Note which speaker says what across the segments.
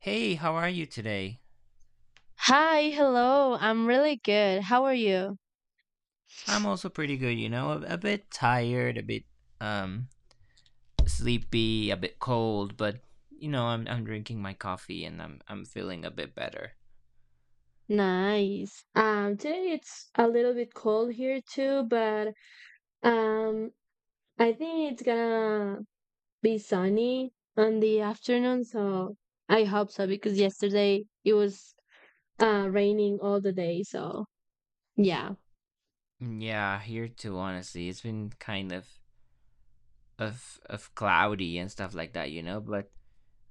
Speaker 1: Hey, how are you today?
Speaker 2: Hi, hello. I'm really good. How are you?
Speaker 1: I'm also pretty good, you know, a bit tired, a bit um sleepy, a bit cold, but you know, I'm drinking my coffee and I'm feeling a bit better.
Speaker 2: Nice. Today it's a little bit cold here too, but um, I think it's gonna be sunny on the afternoon, so I hope so because yesterday it was raining all the day, so yeah.
Speaker 1: Mm, yeah, here too, honestly. It's been kind of of cloudy and stuff like that, you know. But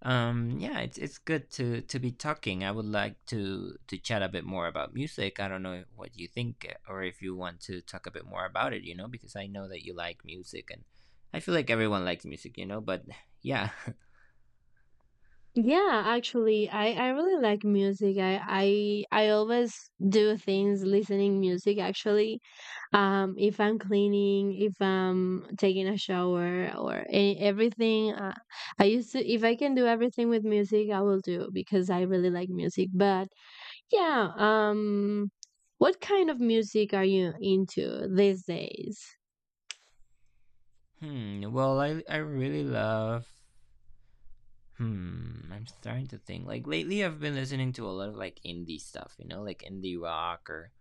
Speaker 1: Yeah, it's good to be talking. I would like to chat a bit more about music. I don't know what you think, or if you want to talk a bit more about it, you know, because I know that you like music, and I feel like everyone likes music, you know, but yeah.
Speaker 2: Yeah, actually, I really like music. I always do things listening music actually. If I'm cleaning, if I'm taking a shower or everything, I used to, if I can do everything with music I will do because I really like music, but yeah. What kind of music are you into these days?
Speaker 1: Hmm, well, I really love, hmm, I'm starting to think, like, lately I've been listening to a lot of, like, indie stuff, you know, like indie rock or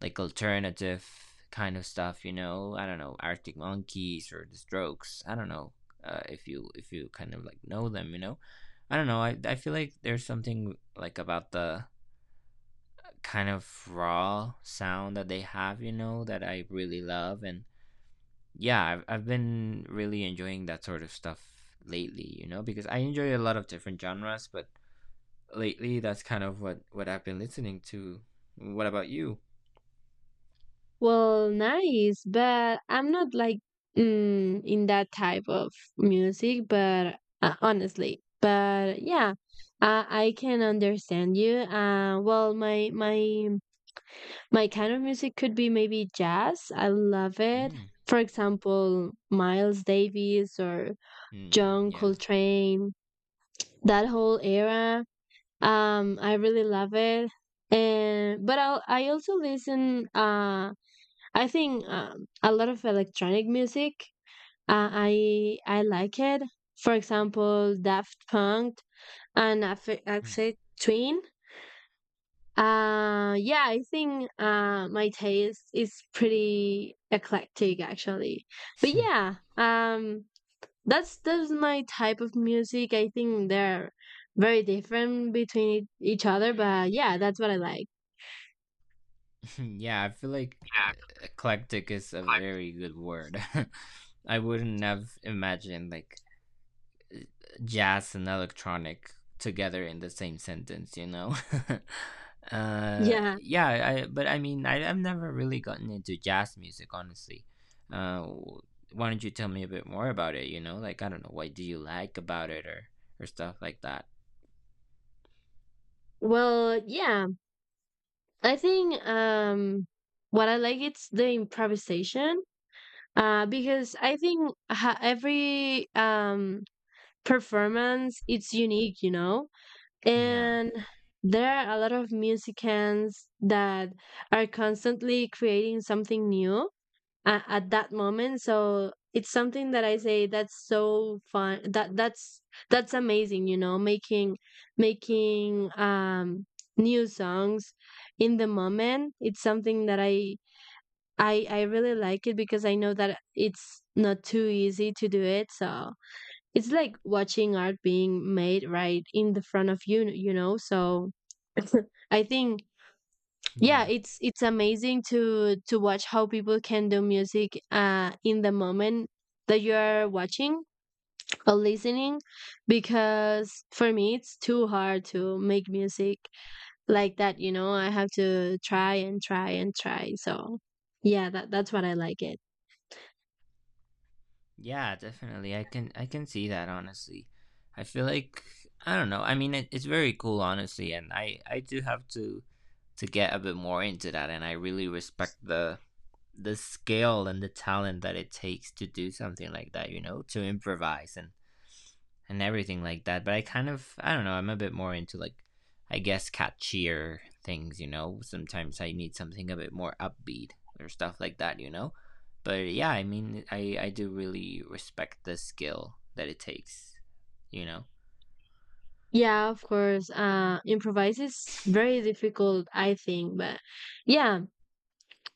Speaker 1: like alternative kind of stuff. You know, I don't know, Arctic Monkeys or The Strokes, I don't know. If you kind of like know them, you know, I don't know. I feel like there's something like about the kind of raw sound that they have, you know, that I really love. And yeah, I've been really enjoying that sort of stuff lately, you know, because I enjoy a lot of different genres, but lately that's kind of what I've been listening to. What about you?
Speaker 2: Well, nice, but I'm not like, in that type of music, but honestly, but yeah, I can understand you. Well, my my kind of music could be maybe jazz. I love it.
Speaker 1: Mm.
Speaker 2: For example, Miles Davis or
Speaker 1: Mm,
Speaker 2: John
Speaker 1: yeah.
Speaker 2: Coltrane, that whole era. I really love it. And but I also listen. I think a lot of electronic music. I like it. For example, Daft Punk and
Speaker 1: Mm.
Speaker 2: Aphex Twin. Yeah, I think my taste is pretty eclectic actually. But yeah, that's my type of music. I think they're very different between each other, but yeah, that's what I like.
Speaker 1: Yeah, I feel like,
Speaker 2: Yeah.
Speaker 1: eclectic is a very good word. I wouldn't have imagined like jazz and electronic together in the same sentence, you know.
Speaker 2: Yeah.
Speaker 1: Yeah, but I mean, I've never really gotten into jazz music, honestly. Uh, why don't you tell me a bit more about it? You know, like, I don't know, what do you like about it or stuff like that?
Speaker 2: Well, yeah. I think what I like it's the improvisation because I think, every performance it's unique, you know?
Speaker 1: Yeah,
Speaker 2: And there are a lot of musicians that are constantly creating something new at that moment. So it's something that I say that's so fun. That's that's amazing. You know, making making new songs in the moment. It's something that I really like it because I know that it's not too easy to do it. So it's like watching art being made right in the front of you. You know, so I think yeah,
Speaker 1: yeah.
Speaker 2: it's amazing to watch how people can do music in the moment that you are watching or listening because for me it's too hard to make music like that, you know. I have to try and try and try. So yeah, that's what I like it.
Speaker 1: Yeah, definitely. I can see that, honestly. I feel like, I don't know. I mean, it's very cool, honestly, and I do have to get a bit more into that, and I really respect the scale and the talent that it takes to do something like that. You know, to improvise and everything like that. But I kind of, I don't know, I'm a bit more into, like, I guess, catchier things, you know? Sometimes I need something a bit more upbeat or stuff like that, you know? But yeah, I mean, I do really respect the skill that it takes, you know?
Speaker 2: Yeah, of course. Improvise is very difficult, I think, but yeah.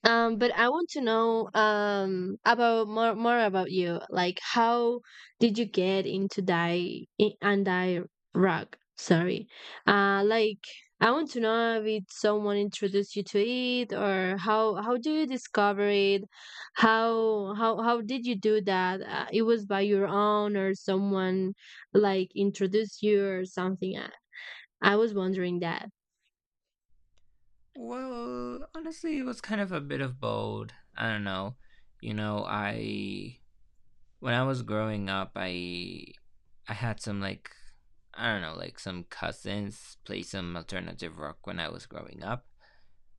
Speaker 2: But I want to know about more about you. Like, how did you get into anti rock? Sorry. Like, I want to know if it's someone introduced you to it or how do you discover it? How did you do that? It was by your own or someone like introduced you or something. I was wondering that.
Speaker 1: Well, honestly, it was kind of a bit of bold. I don't know. You know, I, when I was growing up, I had some like, I don't know, like some cousins play some alternative rock when I was growing up,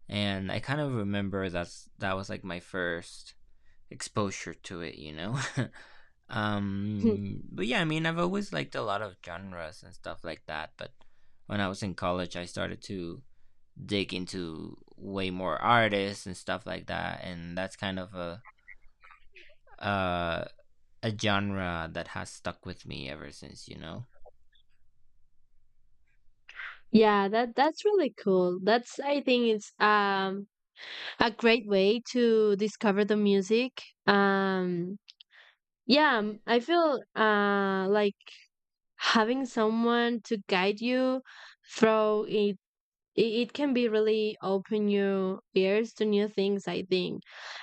Speaker 1: and I kind of remember that was like my first exposure to it, you know. But yeah, I mean, I've always liked a lot of genres and stuff like that, but when I was in college, I started to dig into way more artists and stuff like that, and that's kind of uh a genre that has stuck with me ever since, you know?
Speaker 2: Yeah, that's really cool. That's, I think it's a great way to discover the music. Yeah, I feel like having someone to guide you through it. It can be really open your ears to new things. I think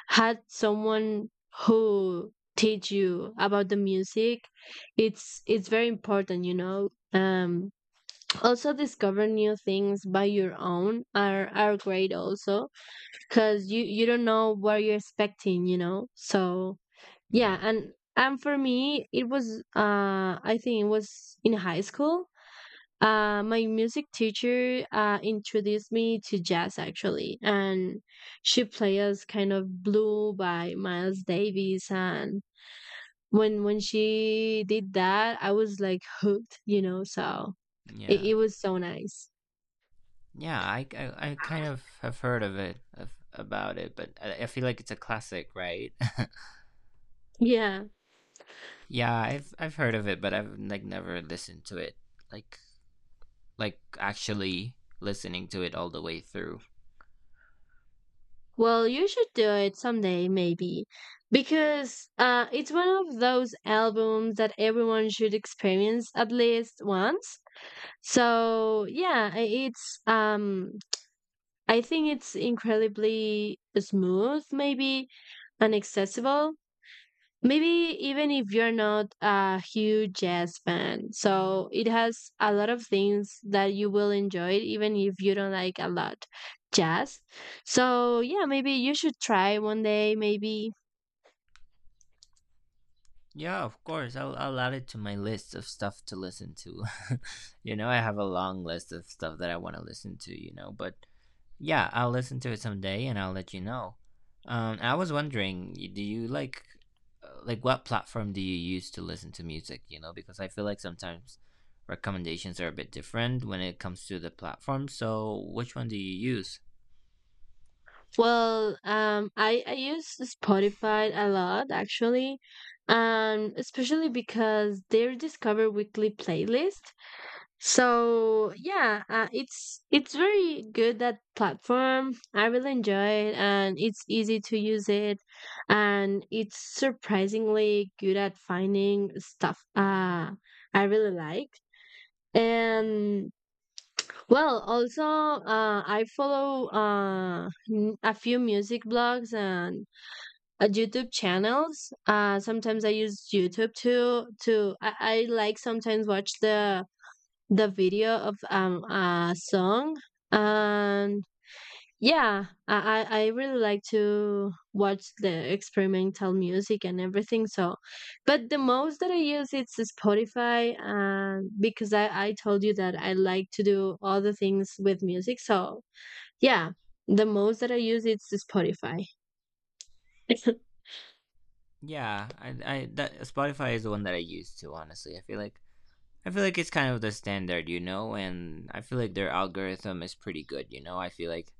Speaker 2: had someone who teach you about the music, it's very important. You know, also discover new things by your own are great also because you don't know what you're expecting, you know, so yeah.
Speaker 1: Yeah.
Speaker 2: And for me it was, I think it was in high school. My music teacher introduced me to jazz actually, and she played us Kind of Blue by Miles Davis, and when she did that I was like hooked, you know, so it,
Speaker 1: Yeah.
Speaker 2: it was so nice.
Speaker 1: Yeah, I kind of have heard of it, about it, but I feel like it's a classic, right?
Speaker 2: Yeah.
Speaker 1: Yeah, I've heard of it, but I've like never listened to it. Like like actually listening to it all the way through.
Speaker 2: Well, you should do it someday, maybe, because it's one of those albums that everyone should experience at least once. So yeah, it's, I think it's incredibly smooth, maybe, and accessible, maybe, even if you're not a huge jazz fan. So it has a lot of things that you will enjoy, even if you don't like a lot jazz. So yeah, maybe you should try one day. Maybe.
Speaker 1: Yeah, of course. I'll add it to my list of stuff to listen to. You know, I have a long list of stuff that I want to listen to, you know, but yeah, I'll listen to it someday and I'll let you know. I was wondering, do you like what platform do you use to listen to music? You know, because I feel like sometimes recommendations are a bit different when it comes to the platform. So, which one do you use?
Speaker 2: Well, I use Spotify a lot actually, especially because they discover weekly playlists. So yeah, it's very good that platform. I really enjoy it, and it's easy to use it, and it's surprisingly good at finding stuff, I really like. And well, also I follow, a few music blogs and YouTube channels. Sometimes I use YouTube too. To I like sometimes watch the video of a song, and yeah, I really like to watch the experimental music and everything, so but the most that I use it's Spotify, and because I told you that I like to do other things with music, so yeah, the most that I use it's Spotify.
Speaker 1: Yeah, I that Spotify is the one that I use too. Honestly, I feel like, I feel like it's kind of the standard, you know, and I feel like their algorithm is pretty good. You know, I feel like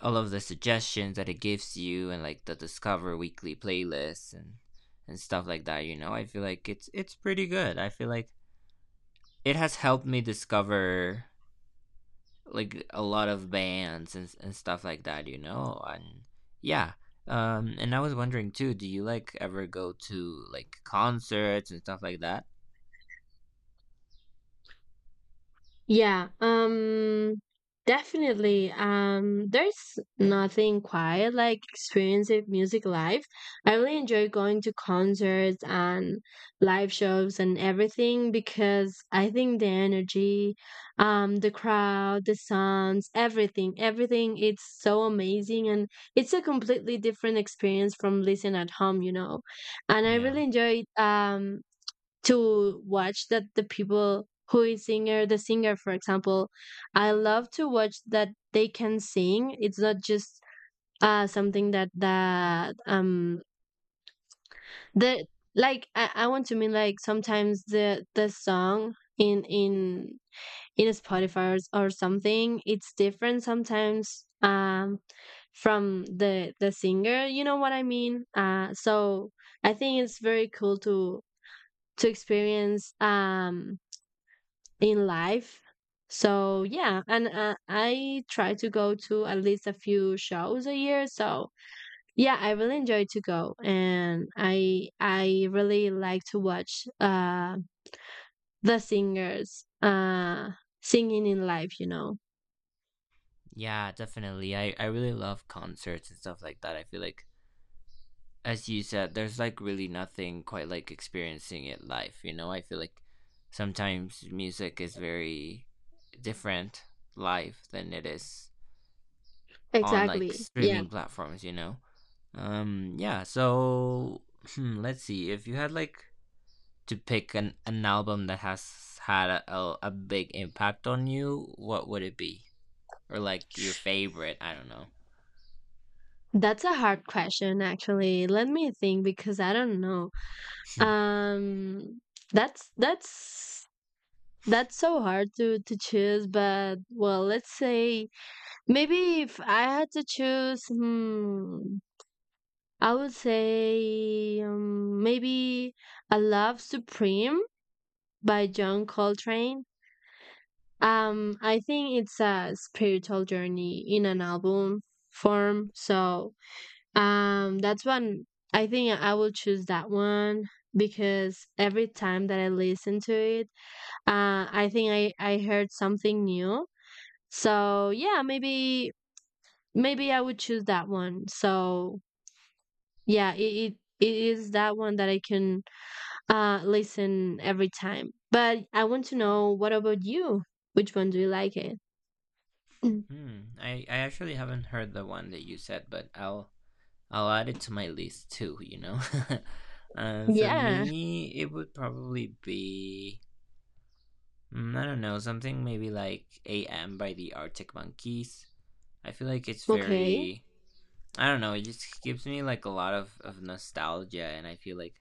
Speaker 1: all of the suggestions that it gives you and like the discover weekly playlists and stuff like that. You know, I feel like it's pretty good. I feel like it has helped me discover like a lot of bands and stuff like that, you know. And yeah. And I was wondering too, do you like ever go to like concerts and stuff like that?
Speaker 2: Yeah, definitely. There's nothing quite like experiencing music live. I really enjoy going to concerts and live shows and everything because I think the energy, the crowd, the sounds, everything, it's so amazing, and it's a completely different experience from listening at home, you know. And I
Speaker 1: Yeah.
Speaker 2: really enjoy to watch that the people who is singer, the singer, for example. I love to watch that they can sing. It's not just something that the, like I want to mean, like, sometimes the song in in Spotify, or something, it's different sometimes, from the singer, you know what I mean? So I think it's very cool to experience in life. So yeah, and I try to go to at least a few shows a year. So yeah, I really enjoy to go, and I really like to watch the singers singing in live. You know.
Speaker 1: Yeah, definitely. I really love concerts and stuff like that. I feel like, as you said, there's like really nothing quite like experiencing it live. You know, I feel like sometimes music is very different live than it is on like
Speaker 2: Exactly. Yeah,
Speaker 1: streaming platforms. You know. Yeah. So, hmm, let's see, if you had like to pick an album that has had a big impact on you, what would it be, or like your favorite? I don't know.
Speaker 2: that's a hard question actually. Let me think because I don't know.
Speaker 1: Hmm.
Speaker 2: Um, that's that's that's so hard to choose. But well, let's say, maybe if I had to choose, hmm, I would say, maybe "A Love Supreme" by John Coltrane. I think it's a spiritual journey in an album form, so that's one. I think I will choose that one because every time that I listen to it, I think I heard something new. So yeah, maybe maybe I would choose that one. So yeah, it is that one that I can listen every time. But I want to know, what about you? Which one do you like it? Mm.
Speaker 1: Hmm. I actually haven't heard the one that you said, but I'll add it to my list too, you know? For
Speaker 2: Yeah.
Speaker 1: me, it would probably be, mm, I don't know, something maybe like AM by the Arctic Monkeys. I feel like it's
Speaker 2: Okay.
Speaker 1: very, I don't know, it just gives me like a lot of nostalgia, and I feel like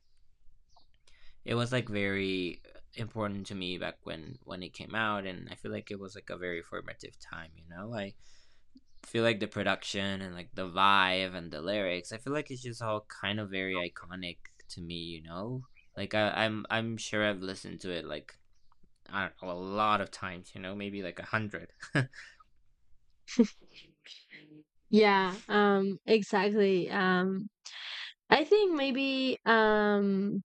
Speaker 1: it was like very important to me back when it came out, and I feel like it was like a very formative time. You know, I feel like the production and like the vibe and the lyrics, I feel like it's just all kind of very iconic to me, you know? Like, I'm sure I've listened to it like, I don't know, a lot of times, you know, maybe like a hundred.
Speaker 2: Yeah, exactly. I think maybe,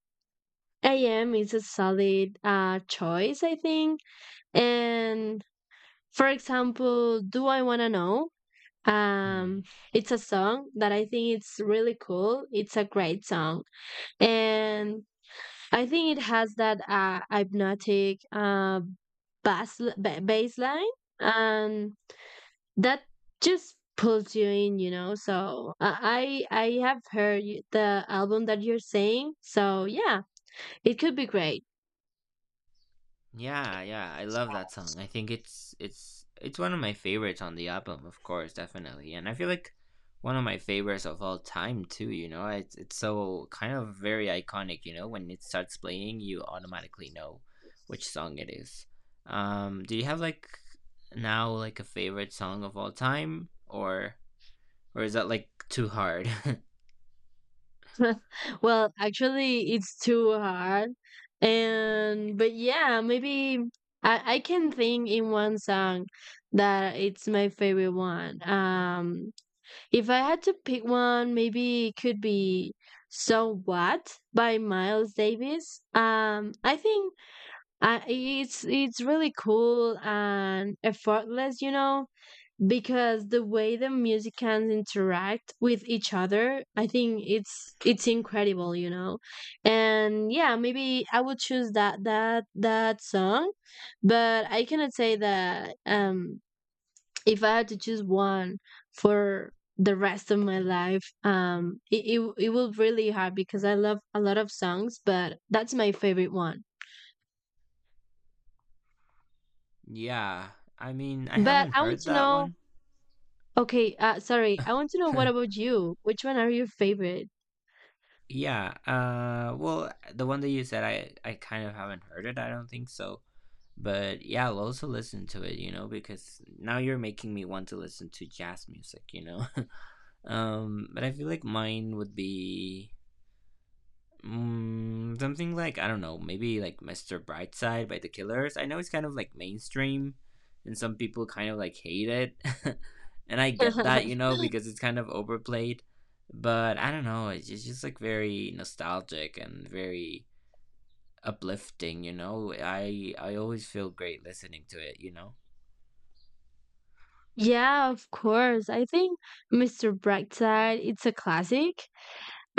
Speaker 2: AM is a solid choice, I think. And for example, Do I Want to Know,
Speaker 1: Hmm.
Speaker 2: um it's a song that I think it's really cool, it's a great song. And I think it has that hypnotic, baseline, and that just pulls you in, you know. So I have heard the album that you're saying. So yeah, it could be great.
Speaker 1: Yeah, yeah, I love that song. I think it's it's one of my favorites on the album, of course, definitely. And I feel like one of my favorites of all time too, you know. It's so kind of very iconic, you know, when it starts playing, you automatically know which song it is. Do you have like now like a favorite song of all time or is that like too hard?
Speaker 2: well, actually, it's too hard, and but yeah, maybe I can think in one song that it's my favorite one. If I had to pick one, maybe it could be "So What" by Miles Davis. I think it's really cool and effortless, you know, because the way the musicians interact with each other, I think it's incredible, you know. And yeah, maybe I would choose that song, but I cannot say that if I had to choose one for the rest of my life, it it will really hard because I love a lot of songs, but that's my favorite one.
Speaker 1: Yeah. I mean, I
Speaker 2: But
Speaker 1: haven't
Speaker 2: I want
Speaker 1: heard
Speaker 2: to
Speaker 1: that
Speaker 2: know.
Speaker 1: one.
Speaker 2: Okay, sorry. I want to know, what about you? Which one are your favorite?
Speaker 1: Yeah. Well, the one that you said, I kind of haven't heard it. I don't think so. But yeah, I'll also listen to it. You know, because now you're making me want to listen to jazz music. You know. But I feel like mine would be, mm, something like, I don't know, maybe like Mr. Brightside by The Killers. I know it's kind of like mainstream, and some people kind of like hate it, and I get that, you know, because it's kind of overplayed. But I don't know, it's just like very nostalgic and very uplifting, you know. I always feel great listening to it, you know.
Speaker 2: yeah, of course. I think Mr. Brightside. It's a classic.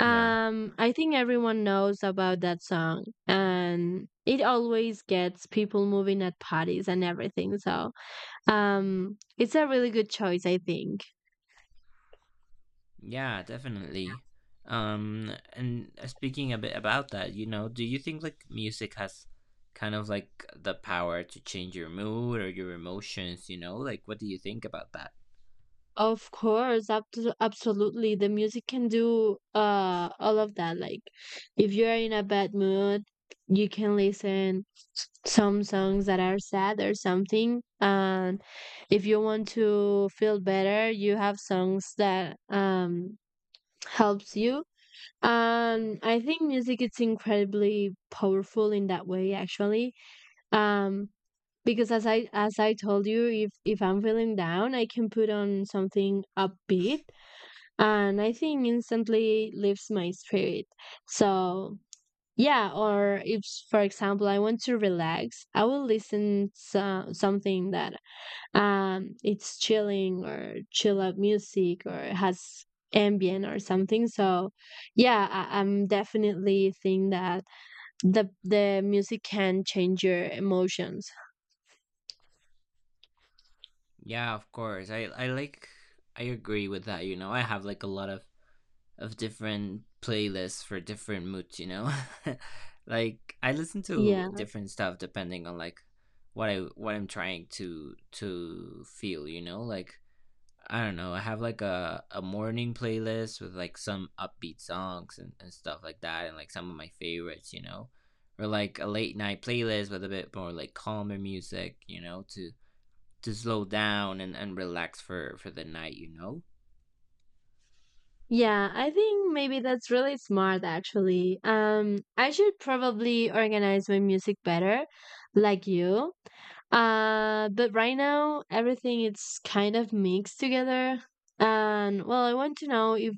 Speaker 1: Yeah.
Speaker 2: I think everyone knows about that song, and it always gets people moving at parties and everything. So it's a really good choice, I think.
Speaker 1: Yeah, definitely. And speaking a bit about that, you know, do you think like music has kind of like the power to change your mood or your emotions, you know? Like what do you think about that?
Speaker 2: Of course, absolutely. The music can do all of that. Like, if you're in a bad mood, you can listen some songs that are sad or something. And if you want to feel better, you have songs that helps you. And I think music is incredibly powerful in that way, actually. Um, because as I told you, if I'm feeling down I can put on something upbeat, and I think instantly lifts my spirit. So yeah, or if for example I want to relax, I will listen to something that it's chilling, or chill out music, or has ambient or something. So yeah, I'm definitely think that the music can change your emotions.
Speaker 1: Yeah, of course. I like, I agree with that, you know. I have like a lot of different playlists for different moods, you know. Like, I listen to
Speaker 2: Yeah.
Speaker 1: different stuff depending on like what I'm trying to feel, you know? Like, I don't know. I have like a morning playlist with like some upbeat songs and stuff like that, and like some of my favorites, you know, or like a late night playlist with a bit more like calmer music, you know, to slow down and relax for the night, you know.
Speaker 2: Yeah, I think maybe that's really smart actually. I should probably organize my music better, like you. But right now everything is kind of mixed together. And well, I want to know if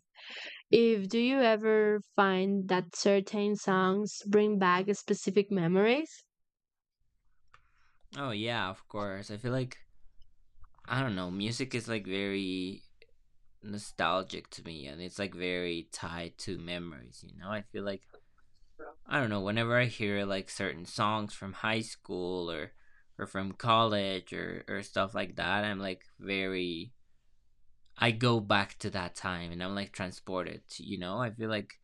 Speaker 2: if do you ever find that certain songs bring back specific memories?
Speaker 1: Oh yeah, of course. I feel like, I don't know, music is like very nostalgic to me, and it's like very tied to memories, you know. I feel like, I don't know, whenever I hear like certain songs from high school or from college or stuff like that, I'm like very, I go back to that time and I'm like transported, you know? I feel like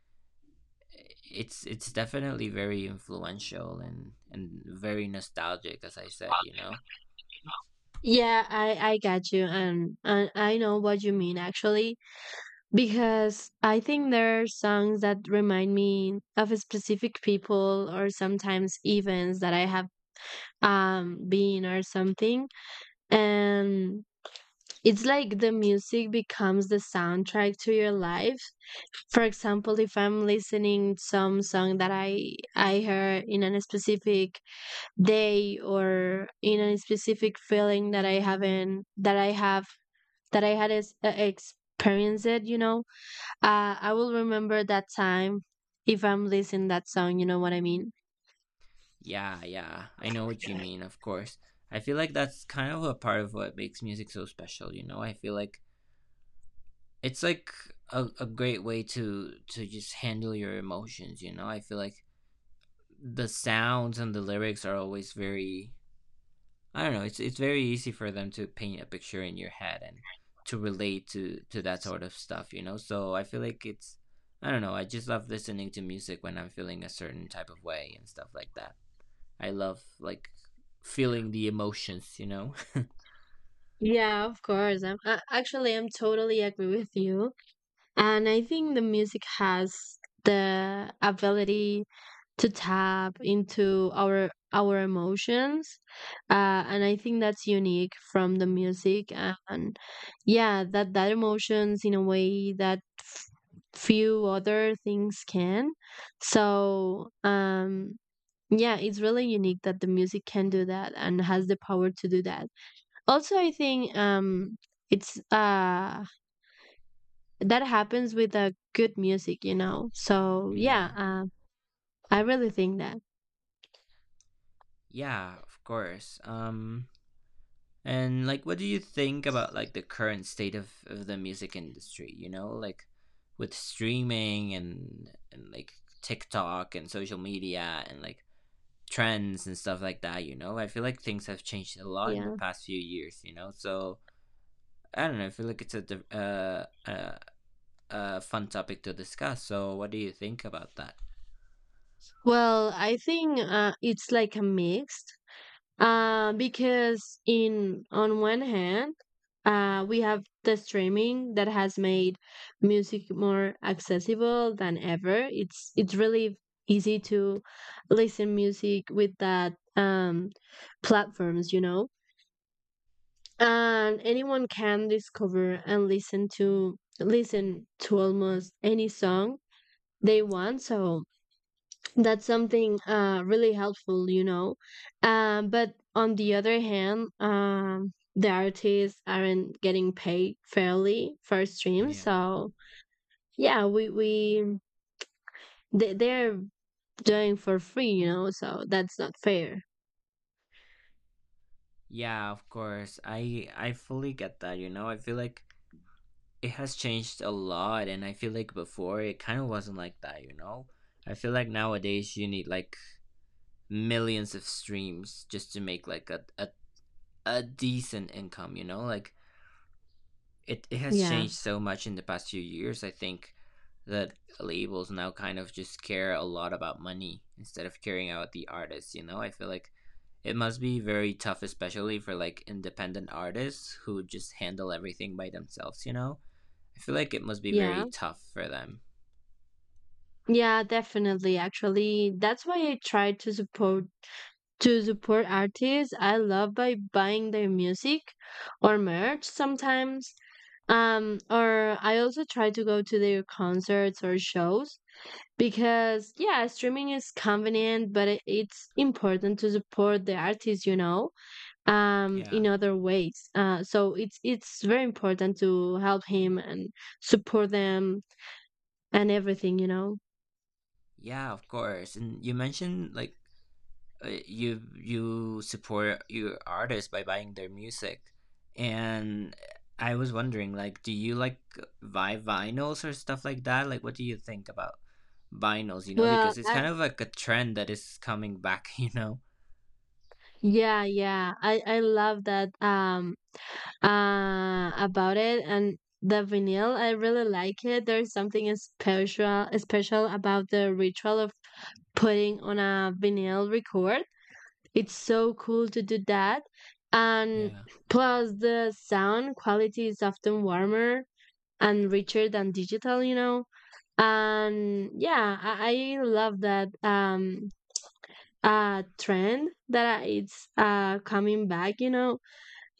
Speaker 1: it's definitely very influential and very nostalgic, as I said, you know.
Speaker 2: Yeah, I got you, and I know what you mean actually. Because I think there are songs that remind me of specific people or sometimes events that I have been or something. And it's like the music becomes the soundtrack to your life. For example, if I'm listening some song that I heard in a specific day or in a specific feeling that I haven't that I have that I had experienced it, you know, I will remember that time if I'm listening that song, you know what I mean?
Speaker 1: Yeah, yeah. I know what you mean, of course. I feel like that's kind of a part of what makes music so special, you know? I feel like it's like a great way to just handle your emotions. I feel like the sounds and the lyrics are always very, I don't know, it's very easy for them to paint a picture in your head and to relate to that sort of stuff. So I feel like it's, I don't know, I just love listening to music when I'm feeling a certain type of way and stuff like that. I love, like, feeling the emotions.
Speaker 2: Yeah, of course. I'm totally agree with you. And I think the music has the ability to tap into our emotions. Uh, and I think that's unique from the music. And yeah, that emotions in a way that few other things can. So, um, Yeah, it's really unique that the music can do that and has the power to do that. Also, I think it's that happens with a good music, you know. So, yeah,
Speaker 1: Yeah,
Speaker 2: uh, I really think that.
Speaker 1: yeah, of course. And like, what do you think about like the current state of the music industry? You know, like with streaming and like TikTok and social media and like trends and stuff like that. You know, I feel like things have changed a lot in the
Speaker 2: Yeah.
Speaker 1: past few years. You know, so I don't know. I feel like it's a fun topic to discuss. So, what do you think about that?
Speaker 2: Well, I think it's like a mix. Because in on one hand, we have the streaming that has made music more accessible than ever. It's really easy to listen music with that platforms, you know, and anyone can discover and listen to almost any song they want. So that's something really helpful, you know. But on the other hand, the artists aren't getting paid fairly for streams,
Speaker 1: Yeah,
Speaker 2: so yeah, they're doing for free, you know. So that's not fair.
Speaker 1: yeah. Of course, I fully get that. You know, I feel like it has changed a lot, and I feel like before it kind of wasn't like that, I feel like nowadays you need like millions of streams just to make like a decent income, you know, like it has
Speaker 2: Yeah,
Speaker 1: changed so much in the past few years. I think that labels now kind of just care a lot about money instead of caring about the artists. You know, I feel like it must be very tough, especially for like independent artists who just handle everything by themselves, you know. I feel like it must be very
Speaker 2: yeah,
Speaker 1: tough for them.
Speaker 2: yeah, definitely. Actually, that's why I try to support artists I love by buying their music or merch sometimes. Or I also try to go to their concerts or shows because, yeah, streaming is convenient, but it's important to support the artists, you know,
Speaker 1: Yeah.
Speaker 2: in other ways. So it's very important to help him and support them and everything, you know.
Speaker 1: Yeah, of course. And you mentioned like, you support your artists by buying their music. And I was wondering, like, do you like buy vinyls or stuff like that? Like, what do you think about vinyls, you know?
Speaker 2: Well,
Speaker 1: Because it's
Speaker 2: I,
Speaker 1: kind of like a trend that is coming back, you know.
Speaker 2: yeah, I love that. About it and the vinyl, I really like it. There's something special about the ritual of putting on a vinyl record. It's so cool to do that. And
Speaker 1: Yeah.
Speaker 2: plus, the sound quality is often warmer and richer than digital, you know. And I love that trend that it's coming back, you know,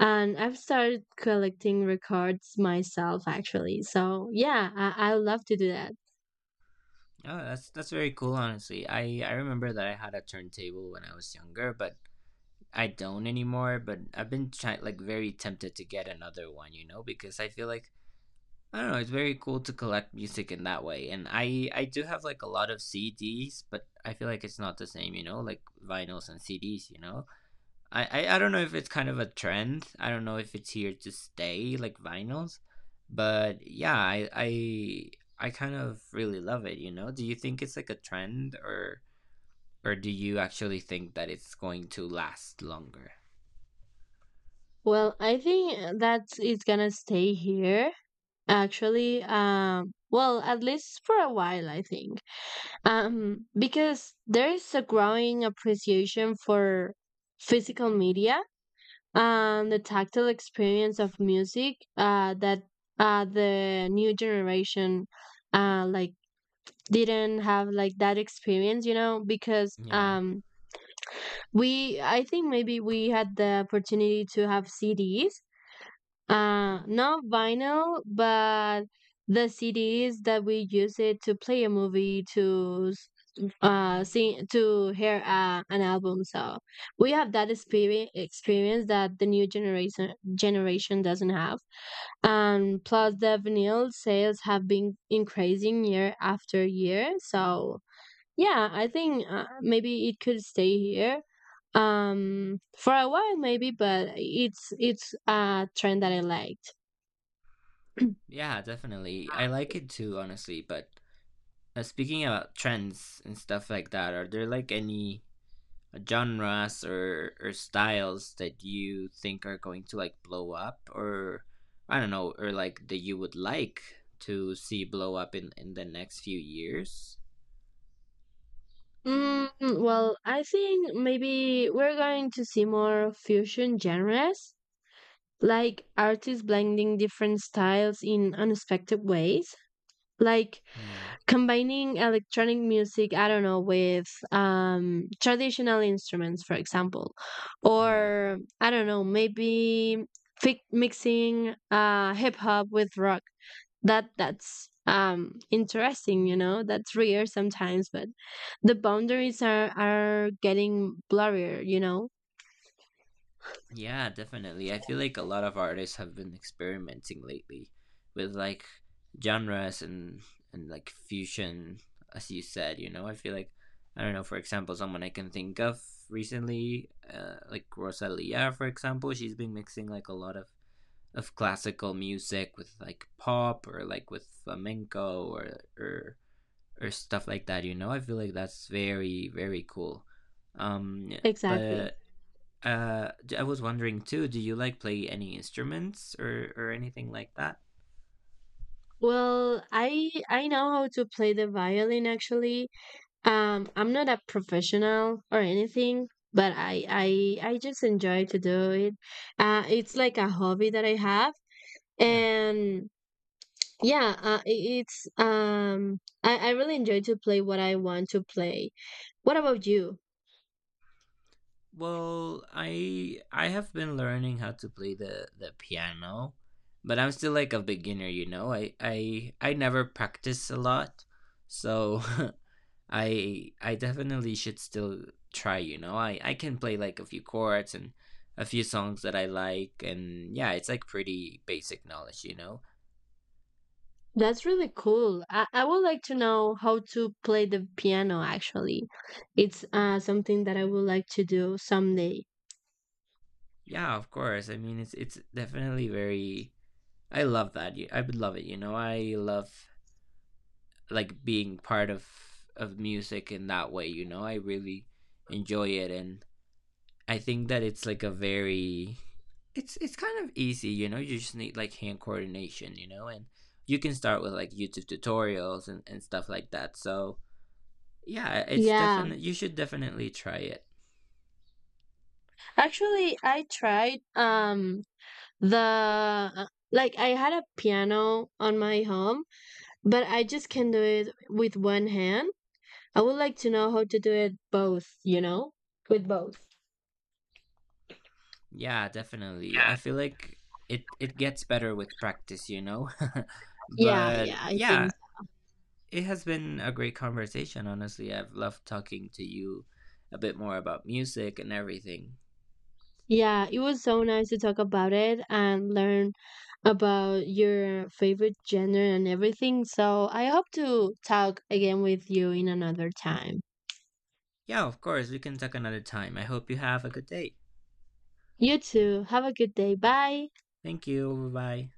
Speaker 2: and I've started collecting records myself, actually. So, yeah, I love to do that.
Speaker 1: Oh, that's very cool, honestly. I remember that I had a turntable when I was younger, but I don't anymore. But I've been trying, like, very tempted to get another one, you know, because I feel like, I don't know, it's very cool to collect music in that way. And I do have like a lot of CDs, but I feel like it's not the same, you know, like vinyls and CDs, you know. I don't know if it's kind of a trend. I don't know if it's here to stay, like vinyls, but yeah, I I kind of really love it, you know. Do you think it's like a trend, or do you actually think that it's going to last longer?
Speaker 2: Well, I think that it's gonna stay here, actually. Well, at least for a while, I think. Because there is a growing appreciation for physical media and the tactile experience of music, that the new generation, uh, like didn't have like that experience, you know, because
Speaker 1: Yeah.
Speaker 2: we, I think maybe we had the opportunity to have CDs, not vinyl, but the CDs that we use it to play a movie, to sing, to hear an album. So we have that experience that the new generation doesn't have. And plus, the vinyl sales have been increasing year after year. So yeah, I think maybe it could stay here for a while maybe, but it's a trend that I liked.
Speaker 1: Yeah, definitely. I like it too, honestly. But speaking about trends and stuff like that, are there like any genres or styles that you think are going to like blow up, or I don't know, or like that you would like to see blow up in the next few years?
Speaker 2: Mm, well, I think maybe we're going to see more fusion genres, like artists blending different styles in unexpected ways, like
Speaker 1: Yeah,
Speaker 2: combining electronic music, I don't know, with traditional instruments, for example.
Speaker 1: yeah.
Speaker 2: Or I don't know, maybe mixing hip hop with rock. That's interesting, you know. That's rare sometimes, but the boundaries are getting blurrier, you know.
Speaker 1: Yeah, definitely. I feel like a lot of artists have been experimenting lately with like genres and like fusion, as you said. You know, I feel like I don't know. For example, someone I can think of recently, like Rosalia, for example, she's been mixing like a lot of classical music with like pop or like with flamenco or stuff like that. You know, I feel like that's very very cool. Um,
Speaker 2: Exactly.
Speaker 1: but I was wondering too. Do you like play any instruments or anything like that?
Speaker 2: Well, I know how to play the violin actually. I'm not a professional or anything, but I just enjoy to do it. It's like a hobby that I have,
Speaker 1: Yeah.
Speaker 2: and yeah, it- it's I really enjoy to play what I want to play. What about you?
Speaker 1: Well, I have been learning how to play the piano, but I'm still like a beginner. You know, I never practice a lot, so I definitely should still try. You know, I can play like a few chords and a few songs that I like, and yeah, it's like pretty basic knowledge. You know.
Speaker 2: That's really cool. I would like to know how to play the piano actually. It's something that I would like to do someday.
Speaker 1: Yeah, of course. I mean, it's definitely very, I love that. I would love it. You know, I love like being part of music in that way. You know, I really enjoy it, and I think that it's like a very, it's kind of easy. You know, you just need like hand coordination. You know, and you can start with like YouTube tutorials and stuff like that. So yeah, it's
Speaker 2: Yeah,
Speaker 1: definitely, you should definitely try it.
Speaker 2: actually, I tried the uh, like I had a piano on my home, but I just can do it with one hand. I would like to know how to do it both, you know? With both.
Speaker 1: Yeah, definitely. I feel like it gets better with practice. You know.
Speaker 2: Yeah, yeah,
Speaker 1: But
Speaker 2: I
Speaker 1: yeah,
Speaker 2: think so.
Speaker 1: it has been a great conversation, honestly. I've loved talking to you a bit more about music and everything.
Speaker 2: Yeah, it was so nice to talk about it and learn about your favorite genre and everything. So I hope to talk again with you in another time.
Speaker 1: Yeah, of course, we can talk another time. I hope you have a good day.
Speaker 2: You too. Have a good day. Bye.
Speaker 1: Thank you. Bye bye.